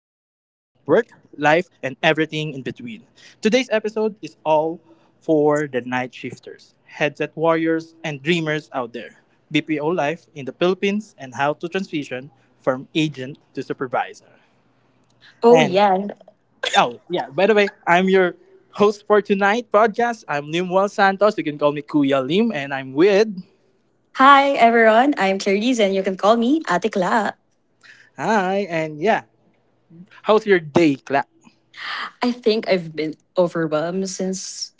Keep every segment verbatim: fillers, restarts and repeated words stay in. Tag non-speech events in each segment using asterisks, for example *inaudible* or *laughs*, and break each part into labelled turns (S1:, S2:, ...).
S1: work, life, and everything in between. Today's episode is all for the night shifters, headset warriors, and dreamers out there. B P O life in the Philippines and how to transition from agent to supervisor.
S2: Oh,
S1: And
S2: yeah.
S1: oh yeah, by the way, I'm your host for tonight podcast. I'm Lim Wal Santos. You can call me Kuya Lim, and I'm with.
S2: Hi, everyone. I'm Clarice, and you can call me Ate Cla.
S1: Hi, and yeah, how's your day, Clap?
S2: I think I've been overwhelmed since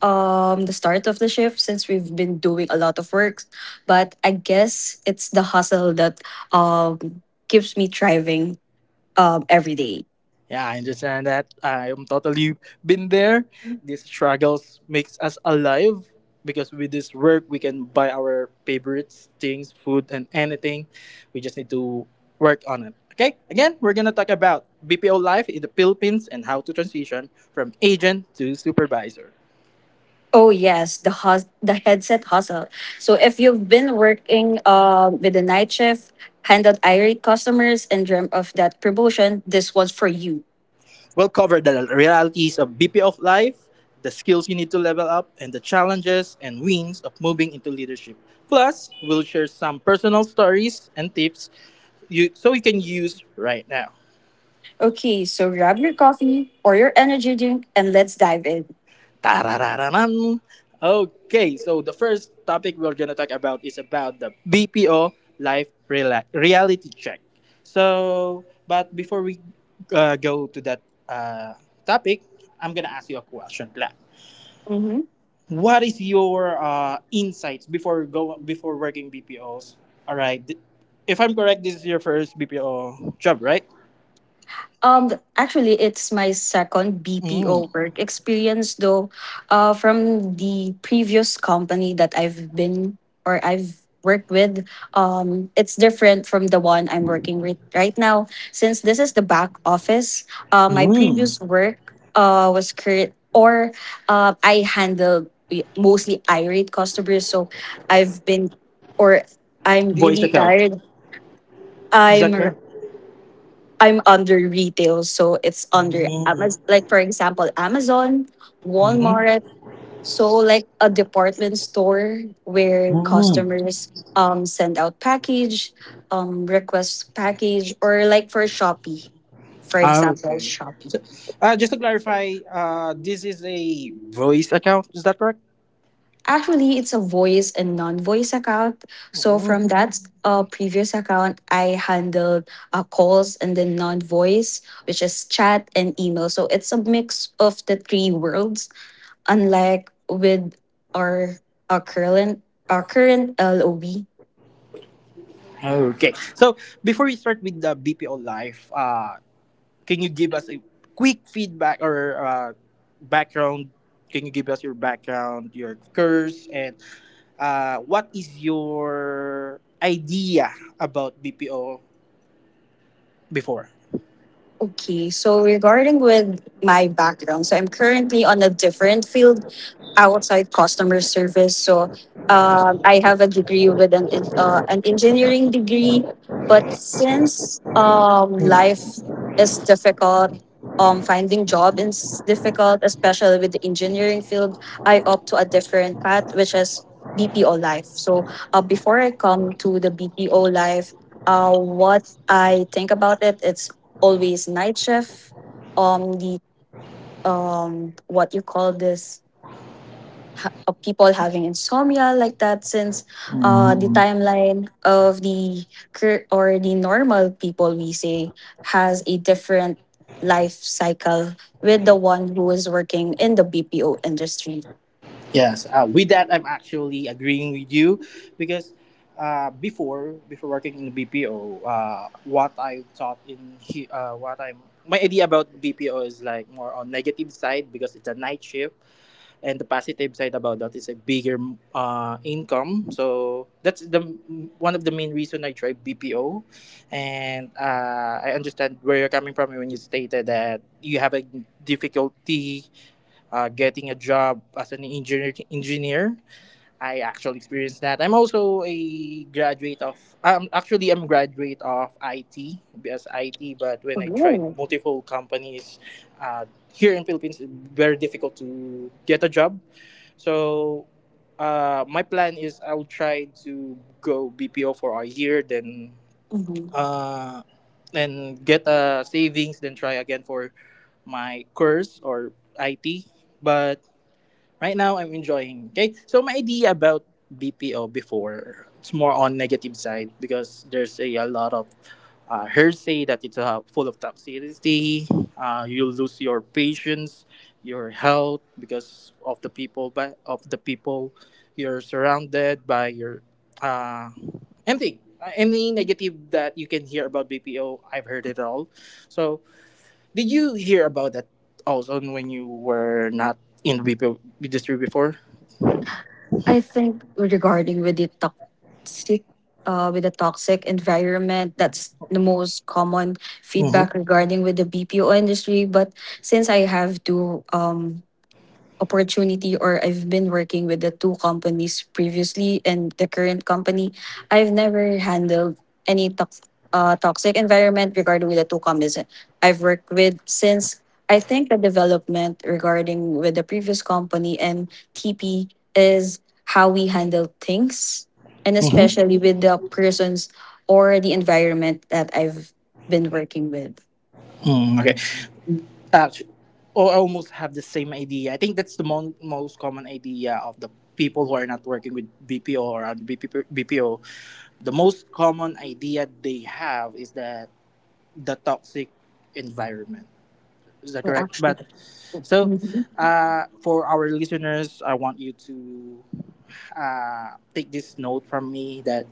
S2: um the start of the shift since we've been doing a lot of work, but I guess it's the hustle that um keeps me thriving um every day.
S1: Yeah, I understand that. I am totally been there. These struggles makes us alive because with this work we can buy our favorites, things, food, and anything. We just need to work on it. Okay, again, we're gonna talk about B P O life in the Philippines and how to transition from agent to supervisor.
S2: Oh yes, the hus- the headset hustle. So if you've been working um with the night shift, handled irate customers, and dreamt of that promotion, this one's for you.
S1: We'll cover the realities of B P O life, the skills you need to level up, and the challenges and wins of moving into leadership. Plus, we'll share some personal stories and tips you so you can use right now.
S2: Okay, so grab your coffee or your energy drink and let's dive in.
S1: Tararararan. Okay, so the first topic we're gonna talk about is about the B P O life rela- reality check. So, but before we uh, go to that uh, topic, I'm gonna ask you a question. Gla. What is your uh, insights before go before working B P Os? All right, Th- if I'm correct, this is your first B P O job, right?
S2: Um, actually, it's my second
S1: Mm.
S2: B P O work experience, though, uh, from the previous company that I've been or I've worked with. Um, it's different from the one I'm working with right now. Since this is the back office, uh, my
S1: Mm.
S2: previous work uh, was create or uh, I handled mostly irate customers. So I've been, or I'm
S1: Voice
S2: really
S1: account.
S2: tired.
S1: Is that
S2: I'm
S1: correct?
S2: I'm under retail, so it's under
S1: Mm.
S2: Amazon. Like for example, Amazon,
S1: Mm.
S2: Walmart. So like a department store where
S1: Mm.
S2: customers um send out package, um request package, or like for Shopee, for
S1: Ah,
S2: example,
S1: okay.
S2: Shopee.
S1: So, uh, just to clarify, uh, this is a voice account. Is that correct?
S2: Actually, it's a voice and non-voice account. So from
S1: Mm.
S2: that uh, previous account, I handled uh, calls and then non-voice, which is chat and email. So it's a mix of the three worlds, unlike with our, our current our current L O B.
S1: Okay. So before we start with the B P O life, uh, can you give us a quick feedback or uh, background? Can you give us your background, your course, and uh, what is your idea about B P O before?
S2: Okay, so regarding with my background, so I'm currently on a different field outside customer service. So um, I have a degree with an en- uh, an engineering degree, but since um, life is difficult, um, finding job is difficult, especially with the engineering field. I opt to a different path, which is B P O life. So uh, before I come to the B P O life, uh, what I think about it, it's always night shift. Um, the um, what you call this ha- Of people having insomnia like that, since uh, the timeline of the cur- or the normal people, we say, has a different life cycle with the one who is working in the B P O industry.
S1: Yes, uh, with that, I'm actually agreeing with you because uh, before before working in the B P O, uh, what I thought in he, uh, what I'm my idea about B P O is like more on negative side because it's a night shift, and the positive side about that is a bigger uh, income. So that's the one of the main reason I tried BPO. And uh, I understand where you're coming from when you stated that you have a difficulty uh, getting a job as an engineer engineer I actually experienced that. I'm also a graduate of, um, actually, I'm graduate of IT. Because it but when I tried
S2: Ooh.
S1: multiple companies, uh, here in Philippines it's very difficult to get a job. So uh, my plan is I'll try to go B P O for a year, then
S2: Mhm.
S1: uh, and get a savings, then try again for my course or I T. But right now I'm enjoying. Okay, so my idea about B P O before it's more on negative side because there's a, a lot of uh, hearsay that it's uh, full of toxicity. Uh, you lose your patience, your health because of the people but of the people you're surrounded by, your uh, anything. Uh, Any negative that you can hear about B P O, I've heard it all. So, did you hear about that also when you were not in the B P O industry before?
S2: I think regarding with the toxic, uh, with the toxic environment, that's the most common
S1: Mm-hmm.
S2: feedback regarding with the B P O industry. But since I have to um opportunity or I've been working with the two companies previously and the current company, I've never handled any tox uh, toxic environment regarding with the two companies I've worked with, since I think the development regarding with the previous company and T P is how we handle things, and
S1: Mm-hmm.
S2: especially with the persons or the environment that I've been working with.
S1: Mm, okay. Actually, or almost have the same idea. I think that's the mo- most common idea of the people who are not working with B P O or on B P- B P O. The most common idea they have is that the toxic environment. Is that
S2: Well,
S1: correct?
S2: actually,
S1: But so,
S2: *laughs*
S1: uh, for our listeners, I want you to uh, take this note from me that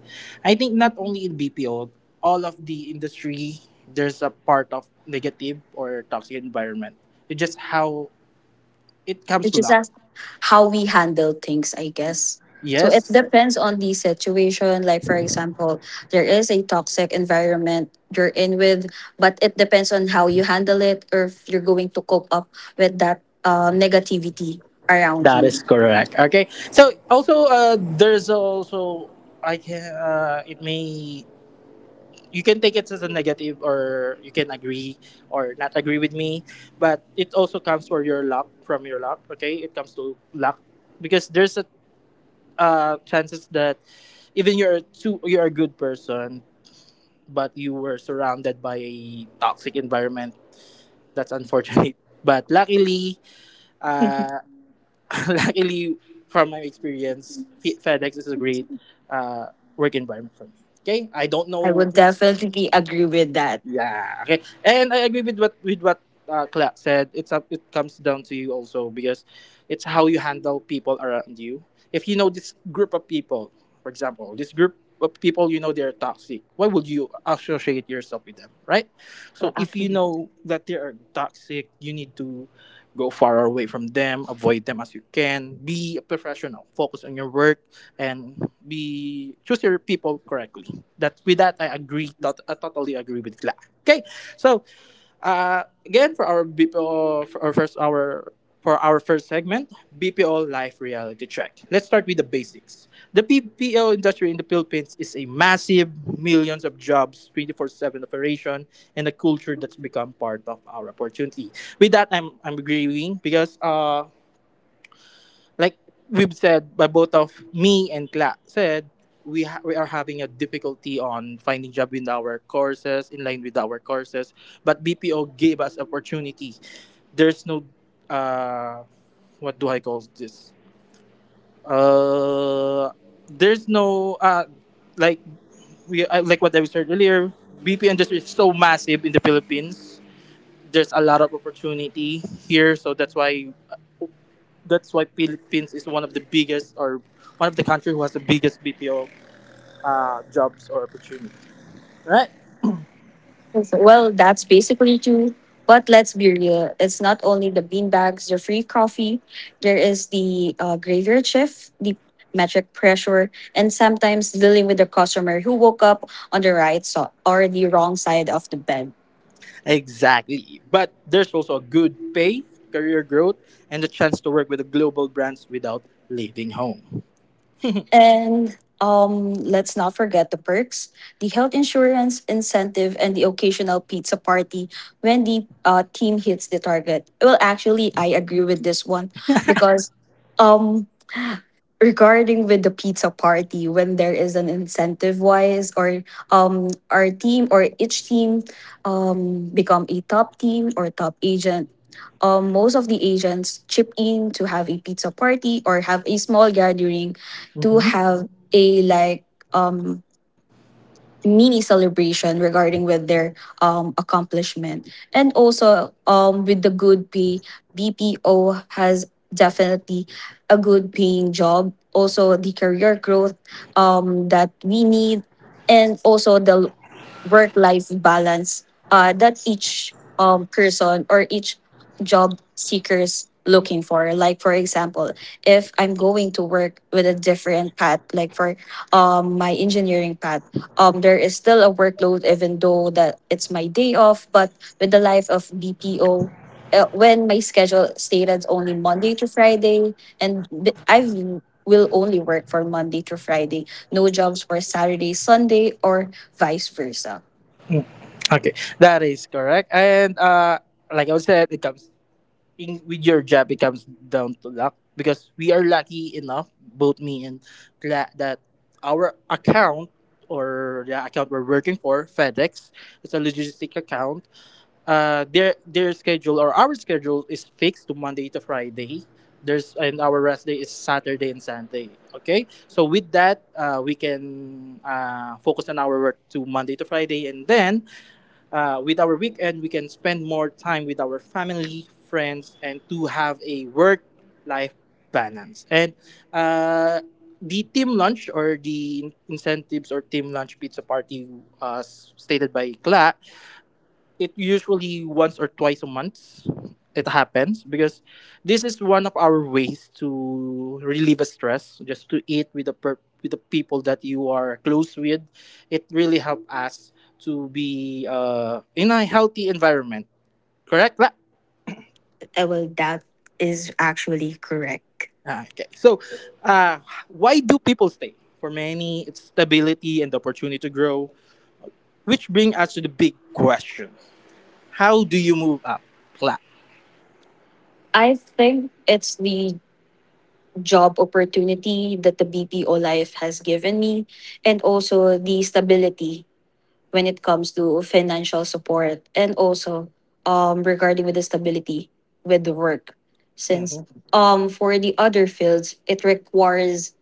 S1: I think not only in B P O, all of the industry, there's a part of negative or toxic environment. It's just how it comes
S2: it's
S1: to
S2: just
S1: luck.
S2: as how we handle things, I guess. So it
S1: Yes,
S2: depends on the situation. Like for example, there is a toxic environment you're in with, but it depends on how you handle it or if you're going to cope up with that um, negativity around
S1: that is
S2: you.
S1: correct. Okay. So also, uh, there's also, I can uh, it may you can take it as a negative or you can agree or not agree with me, but it also comes for your luck from your luck. Okay, it comes to luck because there's a uh, chances that even you're too you're a good person but you were surrounded by a toxic environment. That's unfortunate *laughs* but luckily, uh, *laughs* luckily from my experience, Fe- fedex is a great uh, work environment for me. Okay, I don't
S2: I
S1: know.
S2: would definitely agree with that.
S1: Yeah. Okay. And I agree with what with what uh, Cla said. It's up. It comes down to you also because it's how you handle people around you. If you know this group of people, for example, this group of people you know they're toxic. Why would you associate yourself with them, right? So if you know that they are toxic, you need to go far away from them, avoid them as you can. Be a professional, focus on your work, and be choose your people correctly. That with that, I agree. Tot- I totally agree with Gla. Okay, so uh, again, for our B P O, for our first our for our first segment, B P O life reality check. Let's start with the basics. The B P O industry in the Philippines is a massive millions of jobs, twenty-four seven operation, and a culture that's become part of our opportunity. With that I'm I'm agreeing because uh like we've said, by both of me and Kla said, we ha- we are having a difficulty on finding job in our courses in line with our courses, but B P O gave us opportunity. There's no uh what do I call this? Uh there's no uh like we I- like what I said earlier, B P O industry is so massive in the Philippines. There's a lot of opportunity here, so that's why, that's why Philippines is one of the biggest or one of the country who has the biggest B P O uh, jobs or opportunity. Right?
S2: Well, that's basically true. But let's be real. It's not only the beanbags, the free coffee. There is the uh, graveyard shift, the metric pressure, and sometimes dealing with the customer who woke up on the right so- or the wrong side of the bed.
S1: Exactly. But there's also a good pay, career growth, and the chance to work with the global brands without leaving home.
S2: And um, let's not forget the perks, the health insurance, incentive, and the occasional pizza party when the uh, team hits the target. Well, actually, I agree with this one because um, *gasps* regarding with the pizza party, when there is an incentive wise, or um our team or each team um become a top team or top agent, um most of the agents chip in to have a pizza party or have a small gathering to have a like um mini celebration regarding with their um accomplishment. And also, um with the good pay, BPO has definitely a good paying job, also the career growth um that we need, and also the work life balance uh, that each um, person or each job seekers looking for. Like for example, if I'm going to work with a different path, like for um my engineering path, um there is still a workload even though that it's my day off. But with the life of BPO, uh, when my schedule stated only Monday to Friday, and b- I will only work for Monday to Friday, no jobs for Saturday, Sunday or vice versa.
S1: Okay, that is correct. And uh, like I said, it comes in, with your job it comes down to luck because we are lucky enough, both me and Cla- that our account or the account we're working for FedEx, it's a logistic account. uh their their schedule or our schedule is fixed to Monday to Friday. There's And our rest day is Saturday and Sunday. Okay, so with that, uh, we can uh, focus on our work to Monday to Friday. And then, uh, with our weekend we can spend more time with our family, friends, and to have a work life balance. And uh, the team lunch or the incentives or team lunch pizza party, as stated by Kla, it usually once or twice a month it happens because this is one of our ways to relieve a stress, just to eat with the per- with the people that you are close with. It really help us to be uh, in a healthy environment, correct, La?
S2: Uh, well, that is actually correct.
S1: Ah, okay. So uh, why do people stay? For many it's stability and the opportunity to grow, which bring us to the big question, how do you move up, La?
S2: I think it's the job opportunity that the B P O life has given me, and also the stability when it comes to financial support, and also um regarding with the stability with the work,
S1: Hmm.
S2: since um for the other fields it requires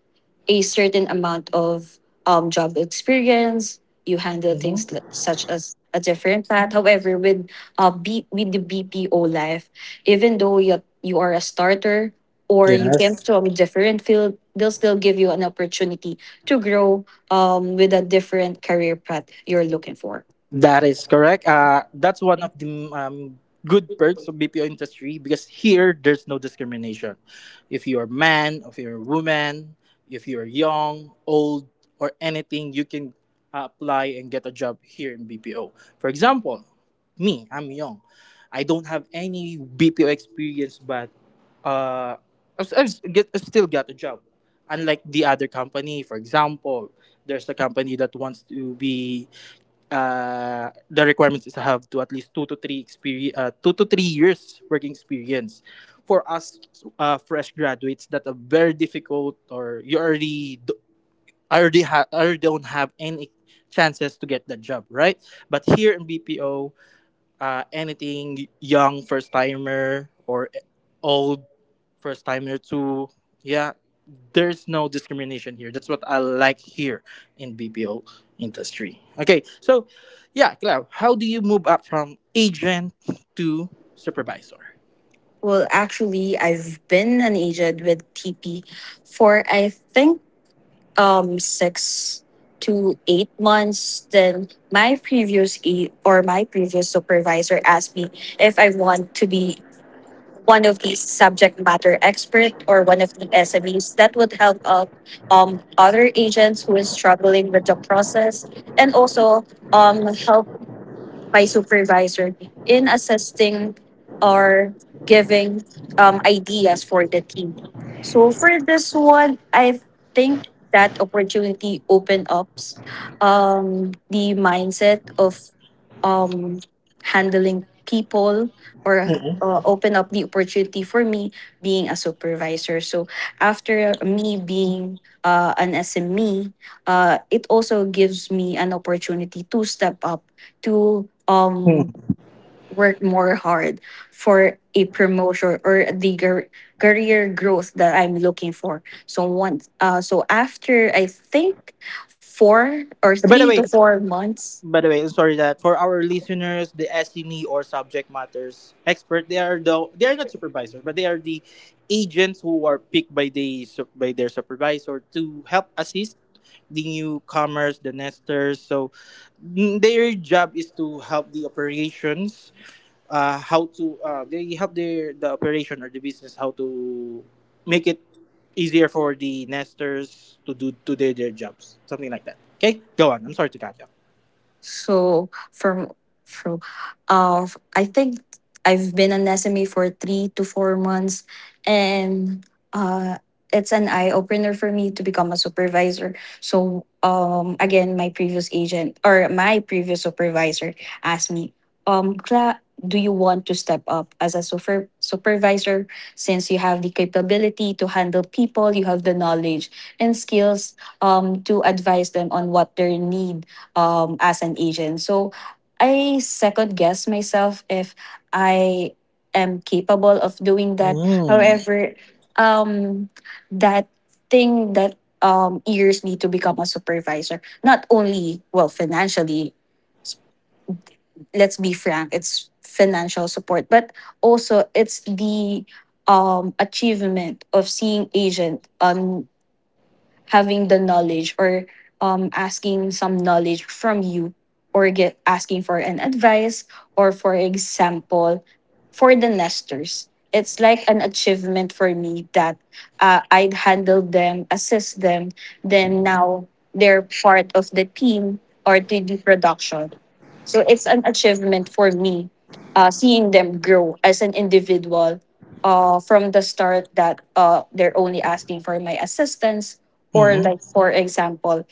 S2: a certain amount of um, job experience. You handle things
S1: Hmm.
S2: li- such as a different path. However, with uh, B- with the B P O life, even though you you are a starter or you came
S1: Yes.
S2: from a different field, they'll still give you an opportunity to grow um, with a different career path you're looking for.
S1: That is correct. Uh, that's one of the um, good perks of B P O industry because here there's no discrimination. If you're a man, if you're a woman, if you're young, old, or anything, you can uh, apply and get a job here in B P O. For example, me, I'm young. I don't have any B P O experience, but uh, I've, I've get, I still got a job. Unlike the other company, for example, there's a company that wants to be uh, the requirements is to have to at least two to three experience, uh, two to three years working experience. For us, uh, fresh graduates, that are very difficult, or you already do, already ha- already don't have any chances to get the job, right? But here in B P O, uh, anything, young first timer or old first timer to, yeah, there's no discrimination here. That's what I like here in BPO industry. Okay, so yeah, Cleo, how do you move up from agent to supervisor?
S2: Well, actually, I've been an agent with T P for I think um six to eight months. Then my previous e- or my previous supervisor asked me if I want to be one of these subject matter expert or one of the SMEs that would help out um, other agents who is struggling with the process, and also um, help my supervisor in assessing or giving um, ideas for the team. So for this one, I think that opportunity opened up um, the mindset of um, handling people, or
S1: Mhm.
S2: uh, open up the opportunity for me being a supervisor. So after me being uh, an S M E, uh, it also gives me an opportunity to step up to um
S1: Mm.
S2: work more hard for a promotion or the gar- career growth that I'm looking for. So once uh so after I think four or
S1: by the
S2: three to
S1: way
S2: four months.
S1: By the way, I'm sorry that, for our listeners, the S M E or subject matters expert, they are the they are not supervisors, but they are the agents who are picked by the su- by their supervisor to help assist the newcomers, the nesters. So, mm, their job is to help the operations, uh, how to uh, they help their the operation or the business, how to make it easier for the nesters to do to do their jobs, something like that. Okay, go on. I'm sorry to catch up.
S2: So from from uh I think I've been an S M E for three to four months, and uh it's an eye opener for me to become a supervisor. So um again, my previous agent or my previous supervisor asked me, um Cla, do you want to step up as a super- supervisor, since you have the capability to handle people, you have the knowledge and skills um to advise them on what their need um, as an agent. So I second guess myself if I am capable of doing that.
S1: Mm.
S2: However, um, that thing that um, years me to become a supervisor, not only, well, financially, let's be frank, it's financial support, but also it's the um, achievement of seeing agent on having the knowledge or um, asking some knowledge from you, or get asking for an advice, or for example, for the nesters, it's like an achievement for me that uh, I'd handle them, assist them, then now they're part of the team or three d production. So it's an achievement for me, uh, seeing them grow as an individual, uh, from the start that uh, they're only asking for my assistance, or
S1: Mm-hmm.
S2: like for example,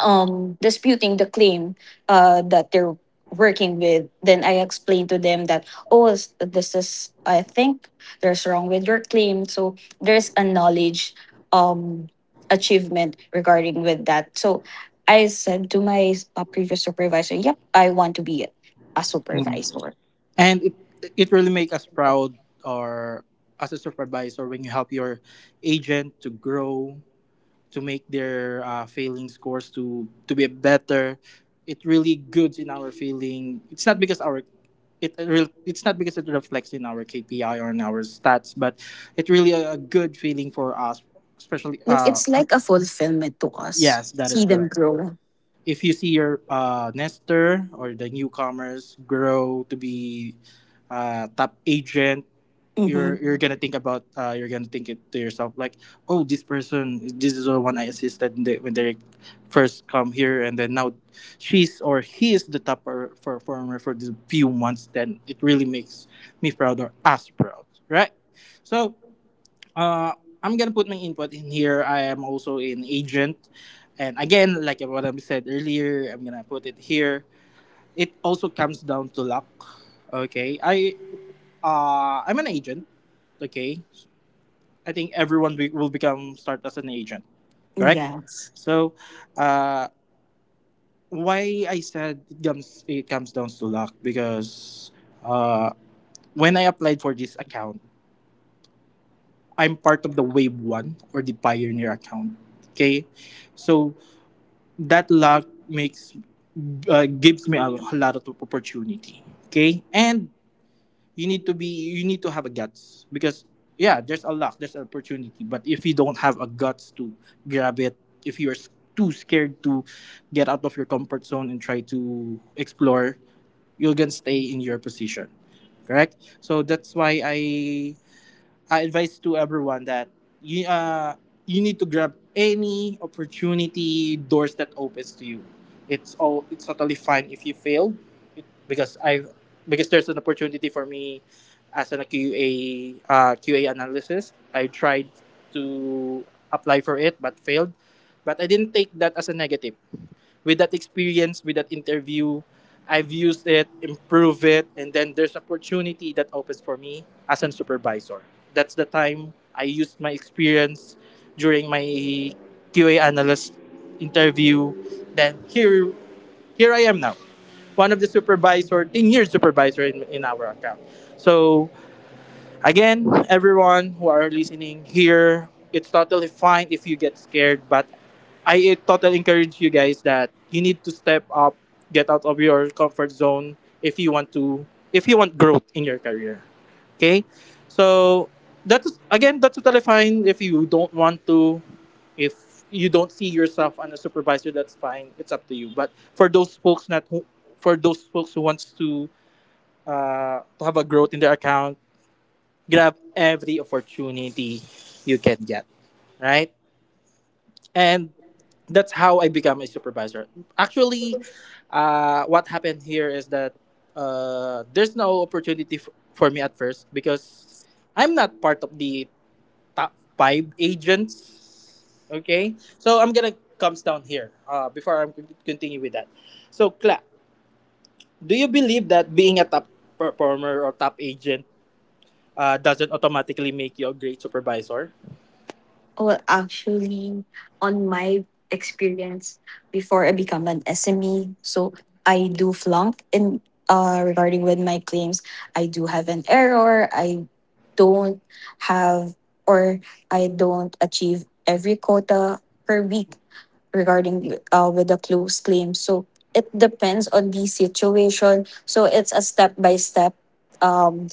S2: um disputing the claim uh that they're working with, then I explain to them that, oh, s- this is, I think, there's wrong with your claim. So there's a knowledge um achievement regarding with that. So I said to my uh, previous supervisor, yep, I want to be a
S1: Mm.
S2: supervisor.
S1: And it it really make us proud, or as a supervisor when you help your agent to grow, to make their uh, failing scores to to be better. It really goods in our feeling. It's not because our it re- it's not because it reflects in our K P I or in our stats, but it really a, a good feeling for us, especially.
S2: Like
S1: Uh,
S2: it's like a fulfillment to us
S1: yes, that is
S2: see them
S1: correct.
S2: grow.
S1: If you see your uh, nester or the newcomers grow to be uh, top agent, you're
S2: Mm-hmm.
S1: you're gonna think about uh, you're gonna think it to yourself like, oh, this person, this is the one I assisted in the, when they first come here, and then now she's or he is the top per- performer for the few months. Then it really makes me proud or us proud, right? So uh, I'm gonna put my input in here. I am also an agent, and again, like what I said earlier, I'm gonna put it here. It also comes down to luck. Okay, I uh, I'm an agent. Okay, I think everyone be- will become start as an agent. Correct.
S2: Yeah.
S1: So, uh, why I said it comes it comes down to luck because uh, when I applied for this account, I'm part of the Wave One or the Pioneer account. Okay, so that luck makes uh, gives me a, a lot of opportunity, okay. And you need to be you need to have a guts because yeah, there's a luck, there's an opportunity, but if you don't have a guts to grab it, if you're s- too scared to get out of your comfort zone and try to explore, you're gonna stay in your position, correct? So that's why i I advise to everyone that you uh you need to grab any opportunity doors that opens to you. It's all it's totally fine if you fail, it, because I, because there's an opportunity for me as a Q A uh, Q A analysis. I tried to apply for it but failed, but I didn't take that as a negative. With that experience, with that interview, I've used it, improved it, and then there's opportunity that opens for me as a supervisor. That's the time I used my experience during my Q A analyst interview. Then here, here I am now, one of the supervisor, 10 year supervisor in, in our account. So again, everyone who are listening here, it's totally fine if you get scared, but I totally encourage you guys that you need to step up, get out of your comfort zone if you want to, if you want growth in your career. Okay? So that's again, that's totally fine if you don't want to, if you don't see yourself on a supervisor, that's fine, it's up to you. But for those folks not who, for those folks who wants to uh, to have a growth in their account, grab every opportunity you can get, right? And that's how I become a supervisor. Actually, uh, what happened here is that uh, there's no opportunity f- for me at first because I'm not part of the top five agents. Okay, so I'm gonna comes down here uh, before I'm continue with that. So, Cla, do you believe that being a top performer or top agent uh, doesn't automatically make you a great supervisor?
S2: Well, actually, on my experience before I become an S M E, so I do flunk in uh, regarding with my claims. I do have an error. I don't have or I don't achieve every quota per week regarding uh, with the close claims. So it depends on the situation. So it's a step by step um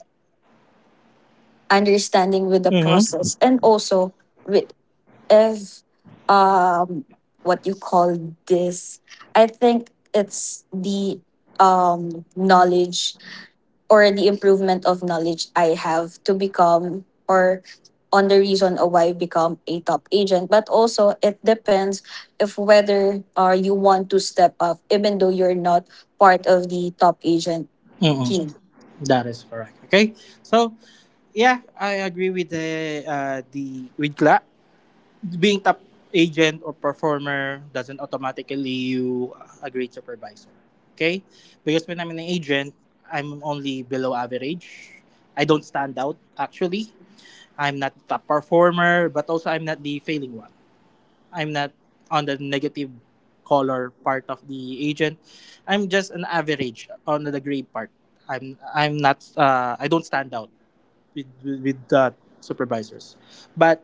S2: understanding with the
S1: Mm-hmm.
S2: process, and also with if um what you call this I think it's the um knowledge or the improvement of knowledge I have to become, or on the reason of why I become a top agent. But also it depends if whether uh, you want to step up even though you're not part of the top agent
S1: Mm-hmm.
S2: team.
S1: That is correct. Okay. So yeah, I agree with the uh, the with Gla. Being top agent or performer doesn't automatically you uh, a great supervisor. Okay? Because when I'm an agent, I'm only below average. I don't stand out actually. I'm not the top performer, but also I'm not the failing one. I'm not on the negative color part of the agent. I'm just an average on the grade part. I'm I'm not uh, I don't stand out with with, with the supervisors. But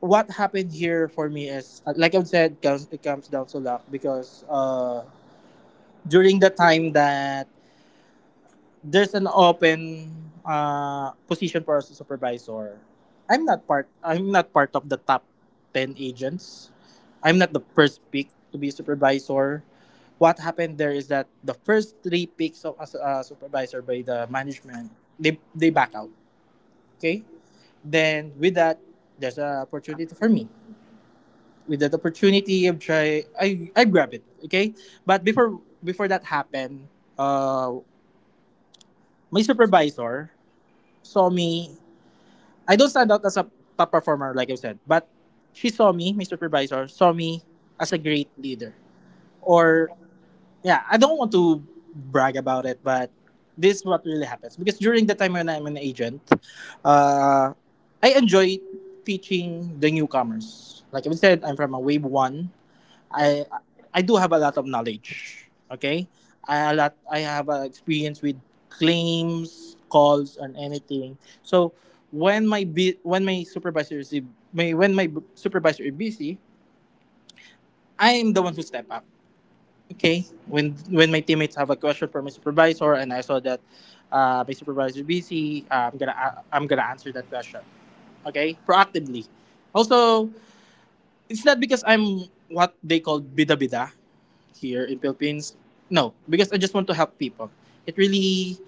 S1: what happened here for me is, uh, like I've said, comes, it comes down to luck because uh, during the time that there's an open uh, position for a supervisor. I'm not part. I'm not part of the top ten agents. I'm not the first pick to be supervisor. What happened there is that the first three picks of a su- uh, supervisor by the management, they they back out. Okay. Then with that, there's an opportunity for me. With that opportunity, I try. I I grab it. Okay. But before before that happened, uh, my supervisor saw me. I don't stand out as a top performer, like I said, but she saw me, my supervisor, saw me as a great leader. Or, yeah, I don't want to brag about it, but this is what really happens. Because during the time when I'm an agent, uh, I enjoy teaching the newcomers. Like I said, I'm from a wave one. I I do have a lot of knowledge. Okay, I a lot I have uh, experience with claims, calls, and anything. So when my bu- when my supervisor is my when my b- supervisor is busy, I am the one who step up. Okay, when when my teammates have a question for my supervisor and I saw that uh, my supervisor is busy, uh, I'm gonna a I'm gonna answer that question. Okay, proactively. Also, it's not because I'm what they call bida bida here in Philippines. No, because I just want to help people. It really,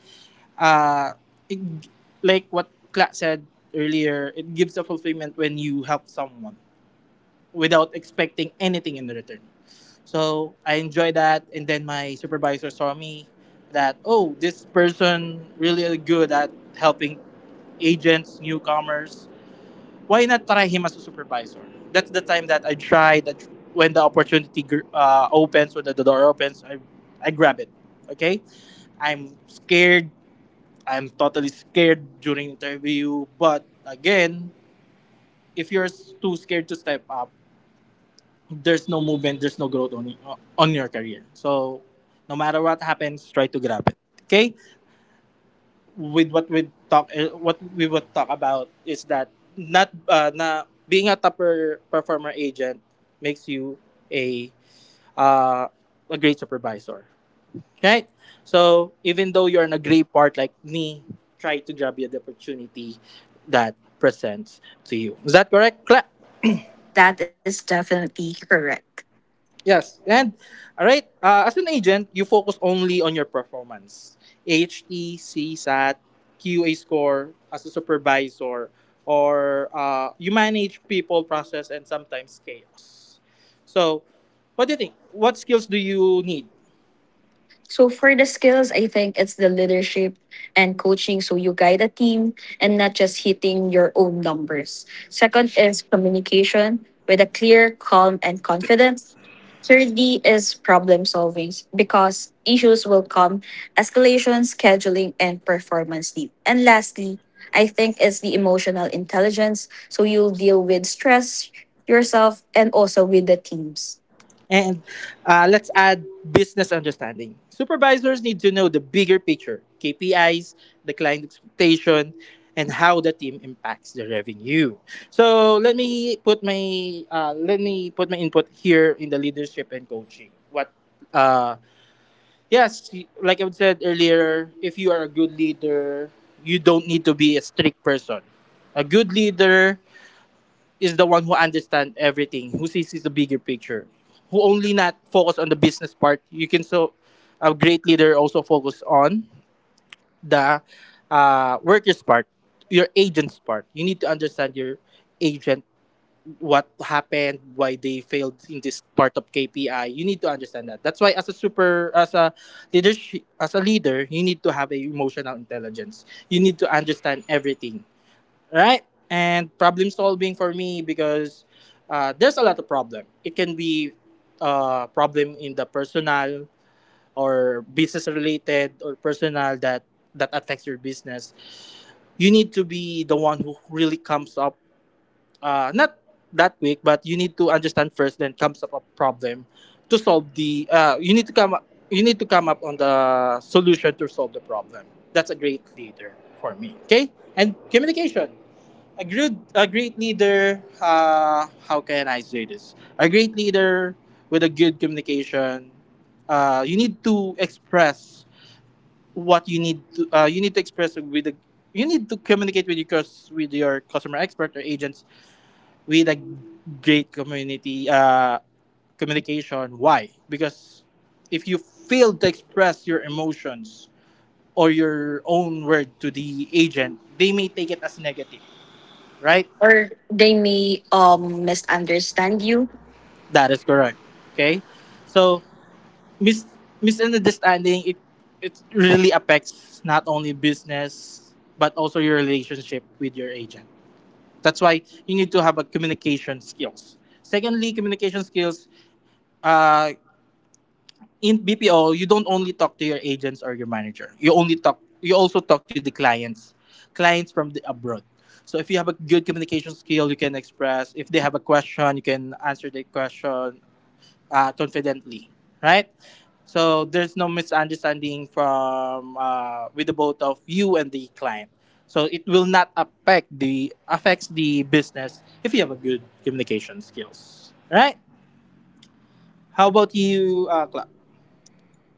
S1: uh, it, like what Kla said earlier, it gives a fulfillment when you help someone without expecting anything in return. So I enjoy that, and then my supervisor saw me that, oh, this person really good at helping agents, newcomers, why not try him as a supervisor? That's the time that I tried. That when the opportunity uh, opens, when the, door opens, I, I grab it. Okay, I'm scared. I'm totally scared during interview. But again, if you're s- too scared to step up, there's no movement. There's no growth on uh, on your career. So no matter what happens, try to grab it. Okay, with what we talk eh, what we would talk about is that not uh, na being a top per- performer agent makes you a uh, a great supervisor, right? So even though you're in a great part like me, try to grab you the opportunity that presents to you. Is that correct, Clap?
S2: That is definitely correct.
S1: Yes. And right, uh, as an agent, you focus only on your performance. H T, CSAT, Q A score. As a supervisor, or uh, you manage people, process, and sometimes chaos. So, what do you think? What skills do you need?
S2: So for the skills, I think it's the leadership and coaching. So you guide a team and not just hitting your own numbers. Second is communication with a clear, calm, and confidence. Thirdly is problem solving because issues will come, escalation, scheduling, and performance need. And lastly, I think it's the emotional intelligence. So you'll deal with stress yourself and also with the teams.
S1: And uh, let's add business understanding. Supervisors need to know the bigger picture K P Is, the client expectation, and how the team impacts the revenue. So let me put my uh, let me put my input here in the leadership and coaching. What? Uh, yes, like I said earlier, if you are a good leader, you don't need to be a strict person. A good leader is the one who understands everything, who sees the bigger picture, who only not focus on the business part. You can, so a great leader also focus on the uh, workers part, your agents part. You need to understand your agent, what happened, why they failed in this part of K P I. You need to understand that. That's why as a super as a leadership as a leader, you need to have a emotional intelligence. You need to understand everything, right? And problem solving for me, because uh, there's a lot of problem. It can be uh, problem in the personal or business related or personal, that that affects your business. You need to be the one who really comes up, uh, not that quick, but you need to understand first, then comes up a problem to solve the. Uh, you need to come up. You need to come up on the solution to solve the problem. That's a great leader for me. Okay, and communication. A great, a great leader, uh, how can I say this? A great leader with a good communication, uh, you need to express what you need to, uh, you need to express with the, you need to communicate with your, cus- with your customer expert or agents with a great community, uh, communication. Why? Because if you fail to express your emotions or your own word to the agent, they may take it as negative, right?
S2: Or they may um misunderstand you.
S1: That is correct. Okay, so mis- misunderstanding it it really affects not only business but also your relationship with your agent. That's why you need to have a communication skills. Secondly, communication skills. Uh, in B P O, you don't only talk to your agents or your manager. You only talk. You also talk to the clients, clients from the abroad. So if you have a good communication skill, you can express. If they have a question, you can answer their question uh, confidently, right? So there's no misunderstanding from uh, with the both of you and the client. So it will not affect the affects the business if you have a good communication skills, right? How about you, uh, Clark?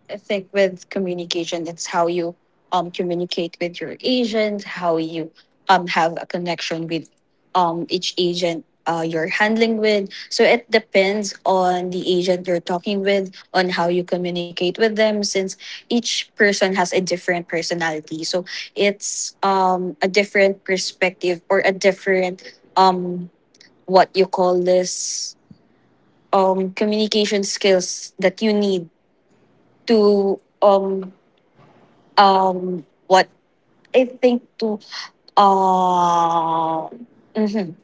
S2: I think with communication, it's how you um communicate with your agent, how you um have a connection with um each agent uh you're handling with. So it depends on the agent you're talking with, on how you communicate with them, since each person has a different personality. So it's um a different perspective or a different um what you call this um, communication skills that you need to um um, what I think, to uh, mhm,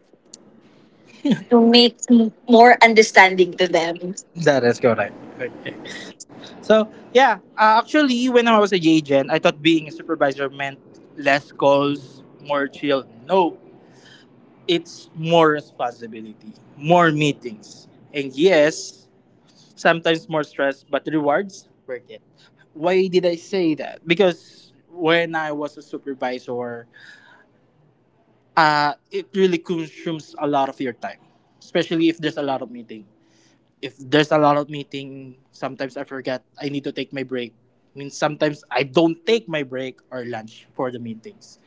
S2: to make m- more understanding to them,
S1: That is correct. Okay. So yeah, uh, actually, when I was a agent, I thought being a supervisor meant less calls, more chill. No, it's more responsibility, more meetings, and yes, sometimes more stress, but the rewards worth it. Why did I say that? Because when I was a supervisor, uh, it really consumes a lot of your time, especially if there's a lot of meeting. If there's a lot of meeting, sometimes I forget I need to take my break. I mean, sometimes I don't take my break or lunch for the meetings.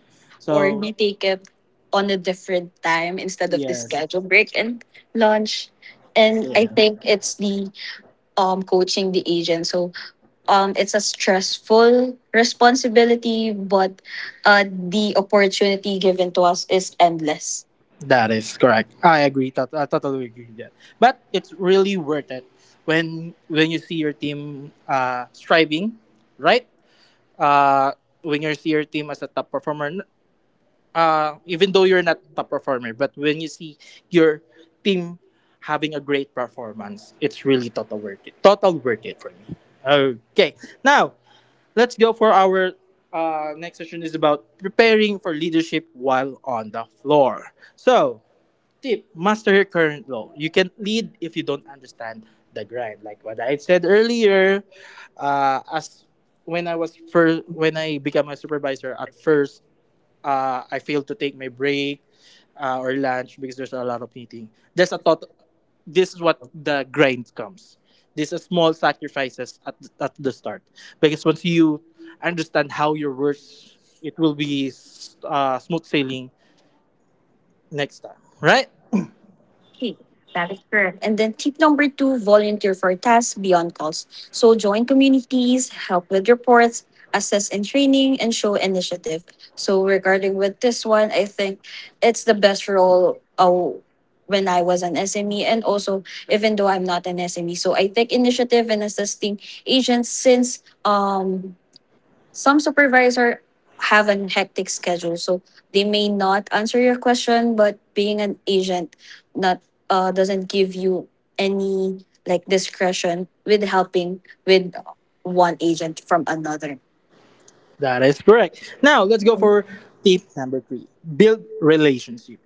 S2: or
S1: So
S2: we take it on a different time instead of the
S1: yes,
S2: schedule break and lunch. And I
S1: yeah.
S2: think it's the um, coaching the agent. So um, it's a stressful responsibility, but uh, the opportunity given to us is endless.
S1: That is correct. I agree. Tot- I totally agree with that. But it's really worth it when when you see your team uh, striving, right? Uh, when you see your team as a top performer, n- uh, even though you're not top performer, but when you see your team having a great performance, it's really total worth it. Total worth it for me. Okay, now let's go for our uh, next session is about preparing for leadership while on the floor. So tip, master your current role. You can lead if you don't understand the grind. Like what I said earlier, uh, as when I was first, when I became a supervisor, at first, uh, I failed to take my break uh, or lunch because there's a lot of meeting. There's a thought. This is what the grind comes. These are small sacrifices at, at the start. Because once you understand how your works, it will be uh, smooth sailing next time, right?
S2: Okay, that is correct. And then tip number two, volunteer for tasks beyond calls. So join communities, help with reports, assess in training, and show initiative. So regarding with this one, I think it's the best role uh, when I was an S M E, and also even though I'm not an S M E, so I take initiative in assisting agents since um some supervisor have an hectic schedule, so they may not answer your question. But being an agent, not uh, doesn't give you any like discretion with helping with one agent from another.
S1: That is correct. Now, let's go for tip number three, build relationship.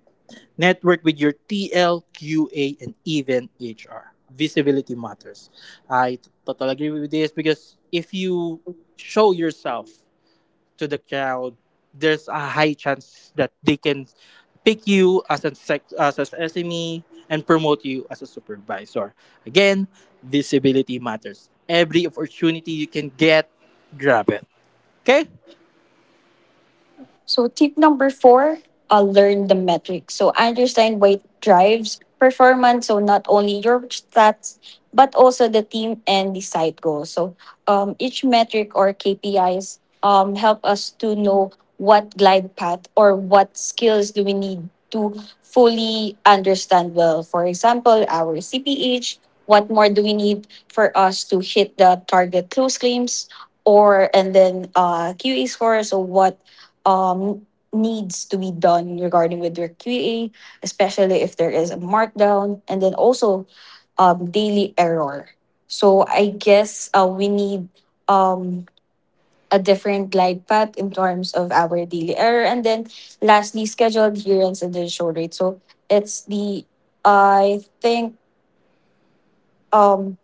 S1: Network with your T L, Q A, and even H R. Visibility matters. I totally agree with this because if you show yourself to the crowd, there's a high chance that they can pick you as a sec- as an S M E and promote you as a supervisor. Again, visibility matters. Every opportunity you can get, grab it. Okay?
S2: So tip number four, uh, learn the metrics. So understand what drives performance. So not only your stats, but also the team and the side goals. So um, each metric or K P Is um, help us to know what glide path or what skills do we need to fully understand well. For example, our C P H, what more do we need for us to hit the target close claims? Or and then uh, Q A score. So what um, needs to be done regarding with your Q A, especially if there is a markdown, and then also um, daily error. So I guess uh, we need um, a different glide path in terms of our daily error, and then lastly, schedule adherence and then show rate. So it's the I think um,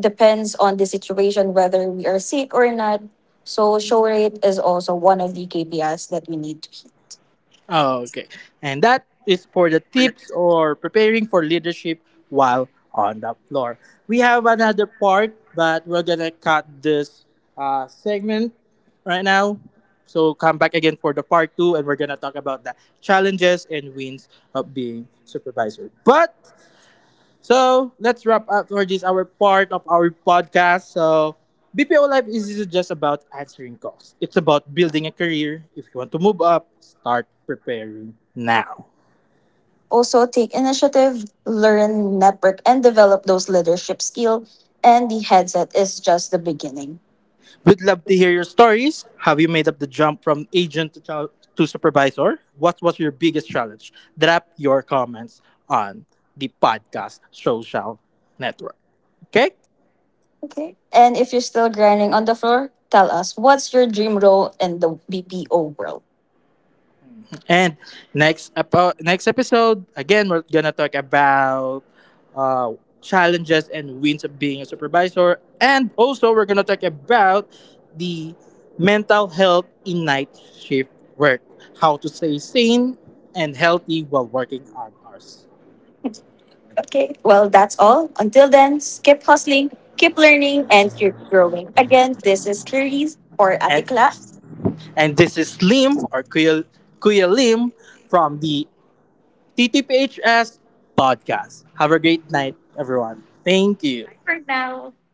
S2: depends on the situation whether we are sick or not. So show rate is also one of the K P Is that we need to hit.
S1: Oh, okay. And that is for the tips or preparing for leadership while on the floor. We have another part, but we're gonna cut this uh, segment right now. So come back again for the part two, and we're gonna talk about the challenges and wins of being supervisor. But so let's wrap up for this our part of our podcast. So B P O life isn't just about answering calls. It's about building a career. If you want to move up, start preparing now.
S2: Also, take initiative, learn, network, and develop those leadership skills. And the headset is just the beginning.
S1: We'd love to hear your stories. Have you made up the jump from agent to, chal- to supervisor? What was your biggest challenge? Drop your comments on the podcast social network. Okay?
S2: Okay. And if you're still grinding on the floor, tell us, what's your dream role in the B P O world?
S1: And next epo- next episode, again, we're gonna talk about uh, challenges and wins of being a supervisor, and also we're gonna talk about the mental health in night shift work, how to stay sane and healthy while working on hours.
S2: Okay. Well, that's all. Until then, keep hustling, keep learning, and keep growing. Again, this is Clarice or
S1: And
S2: Atikla
S1: and this is Lim or Kuya, Kuya Lim from the T T P H S podcast. Have a great night, everyone. Thank you.
S2: now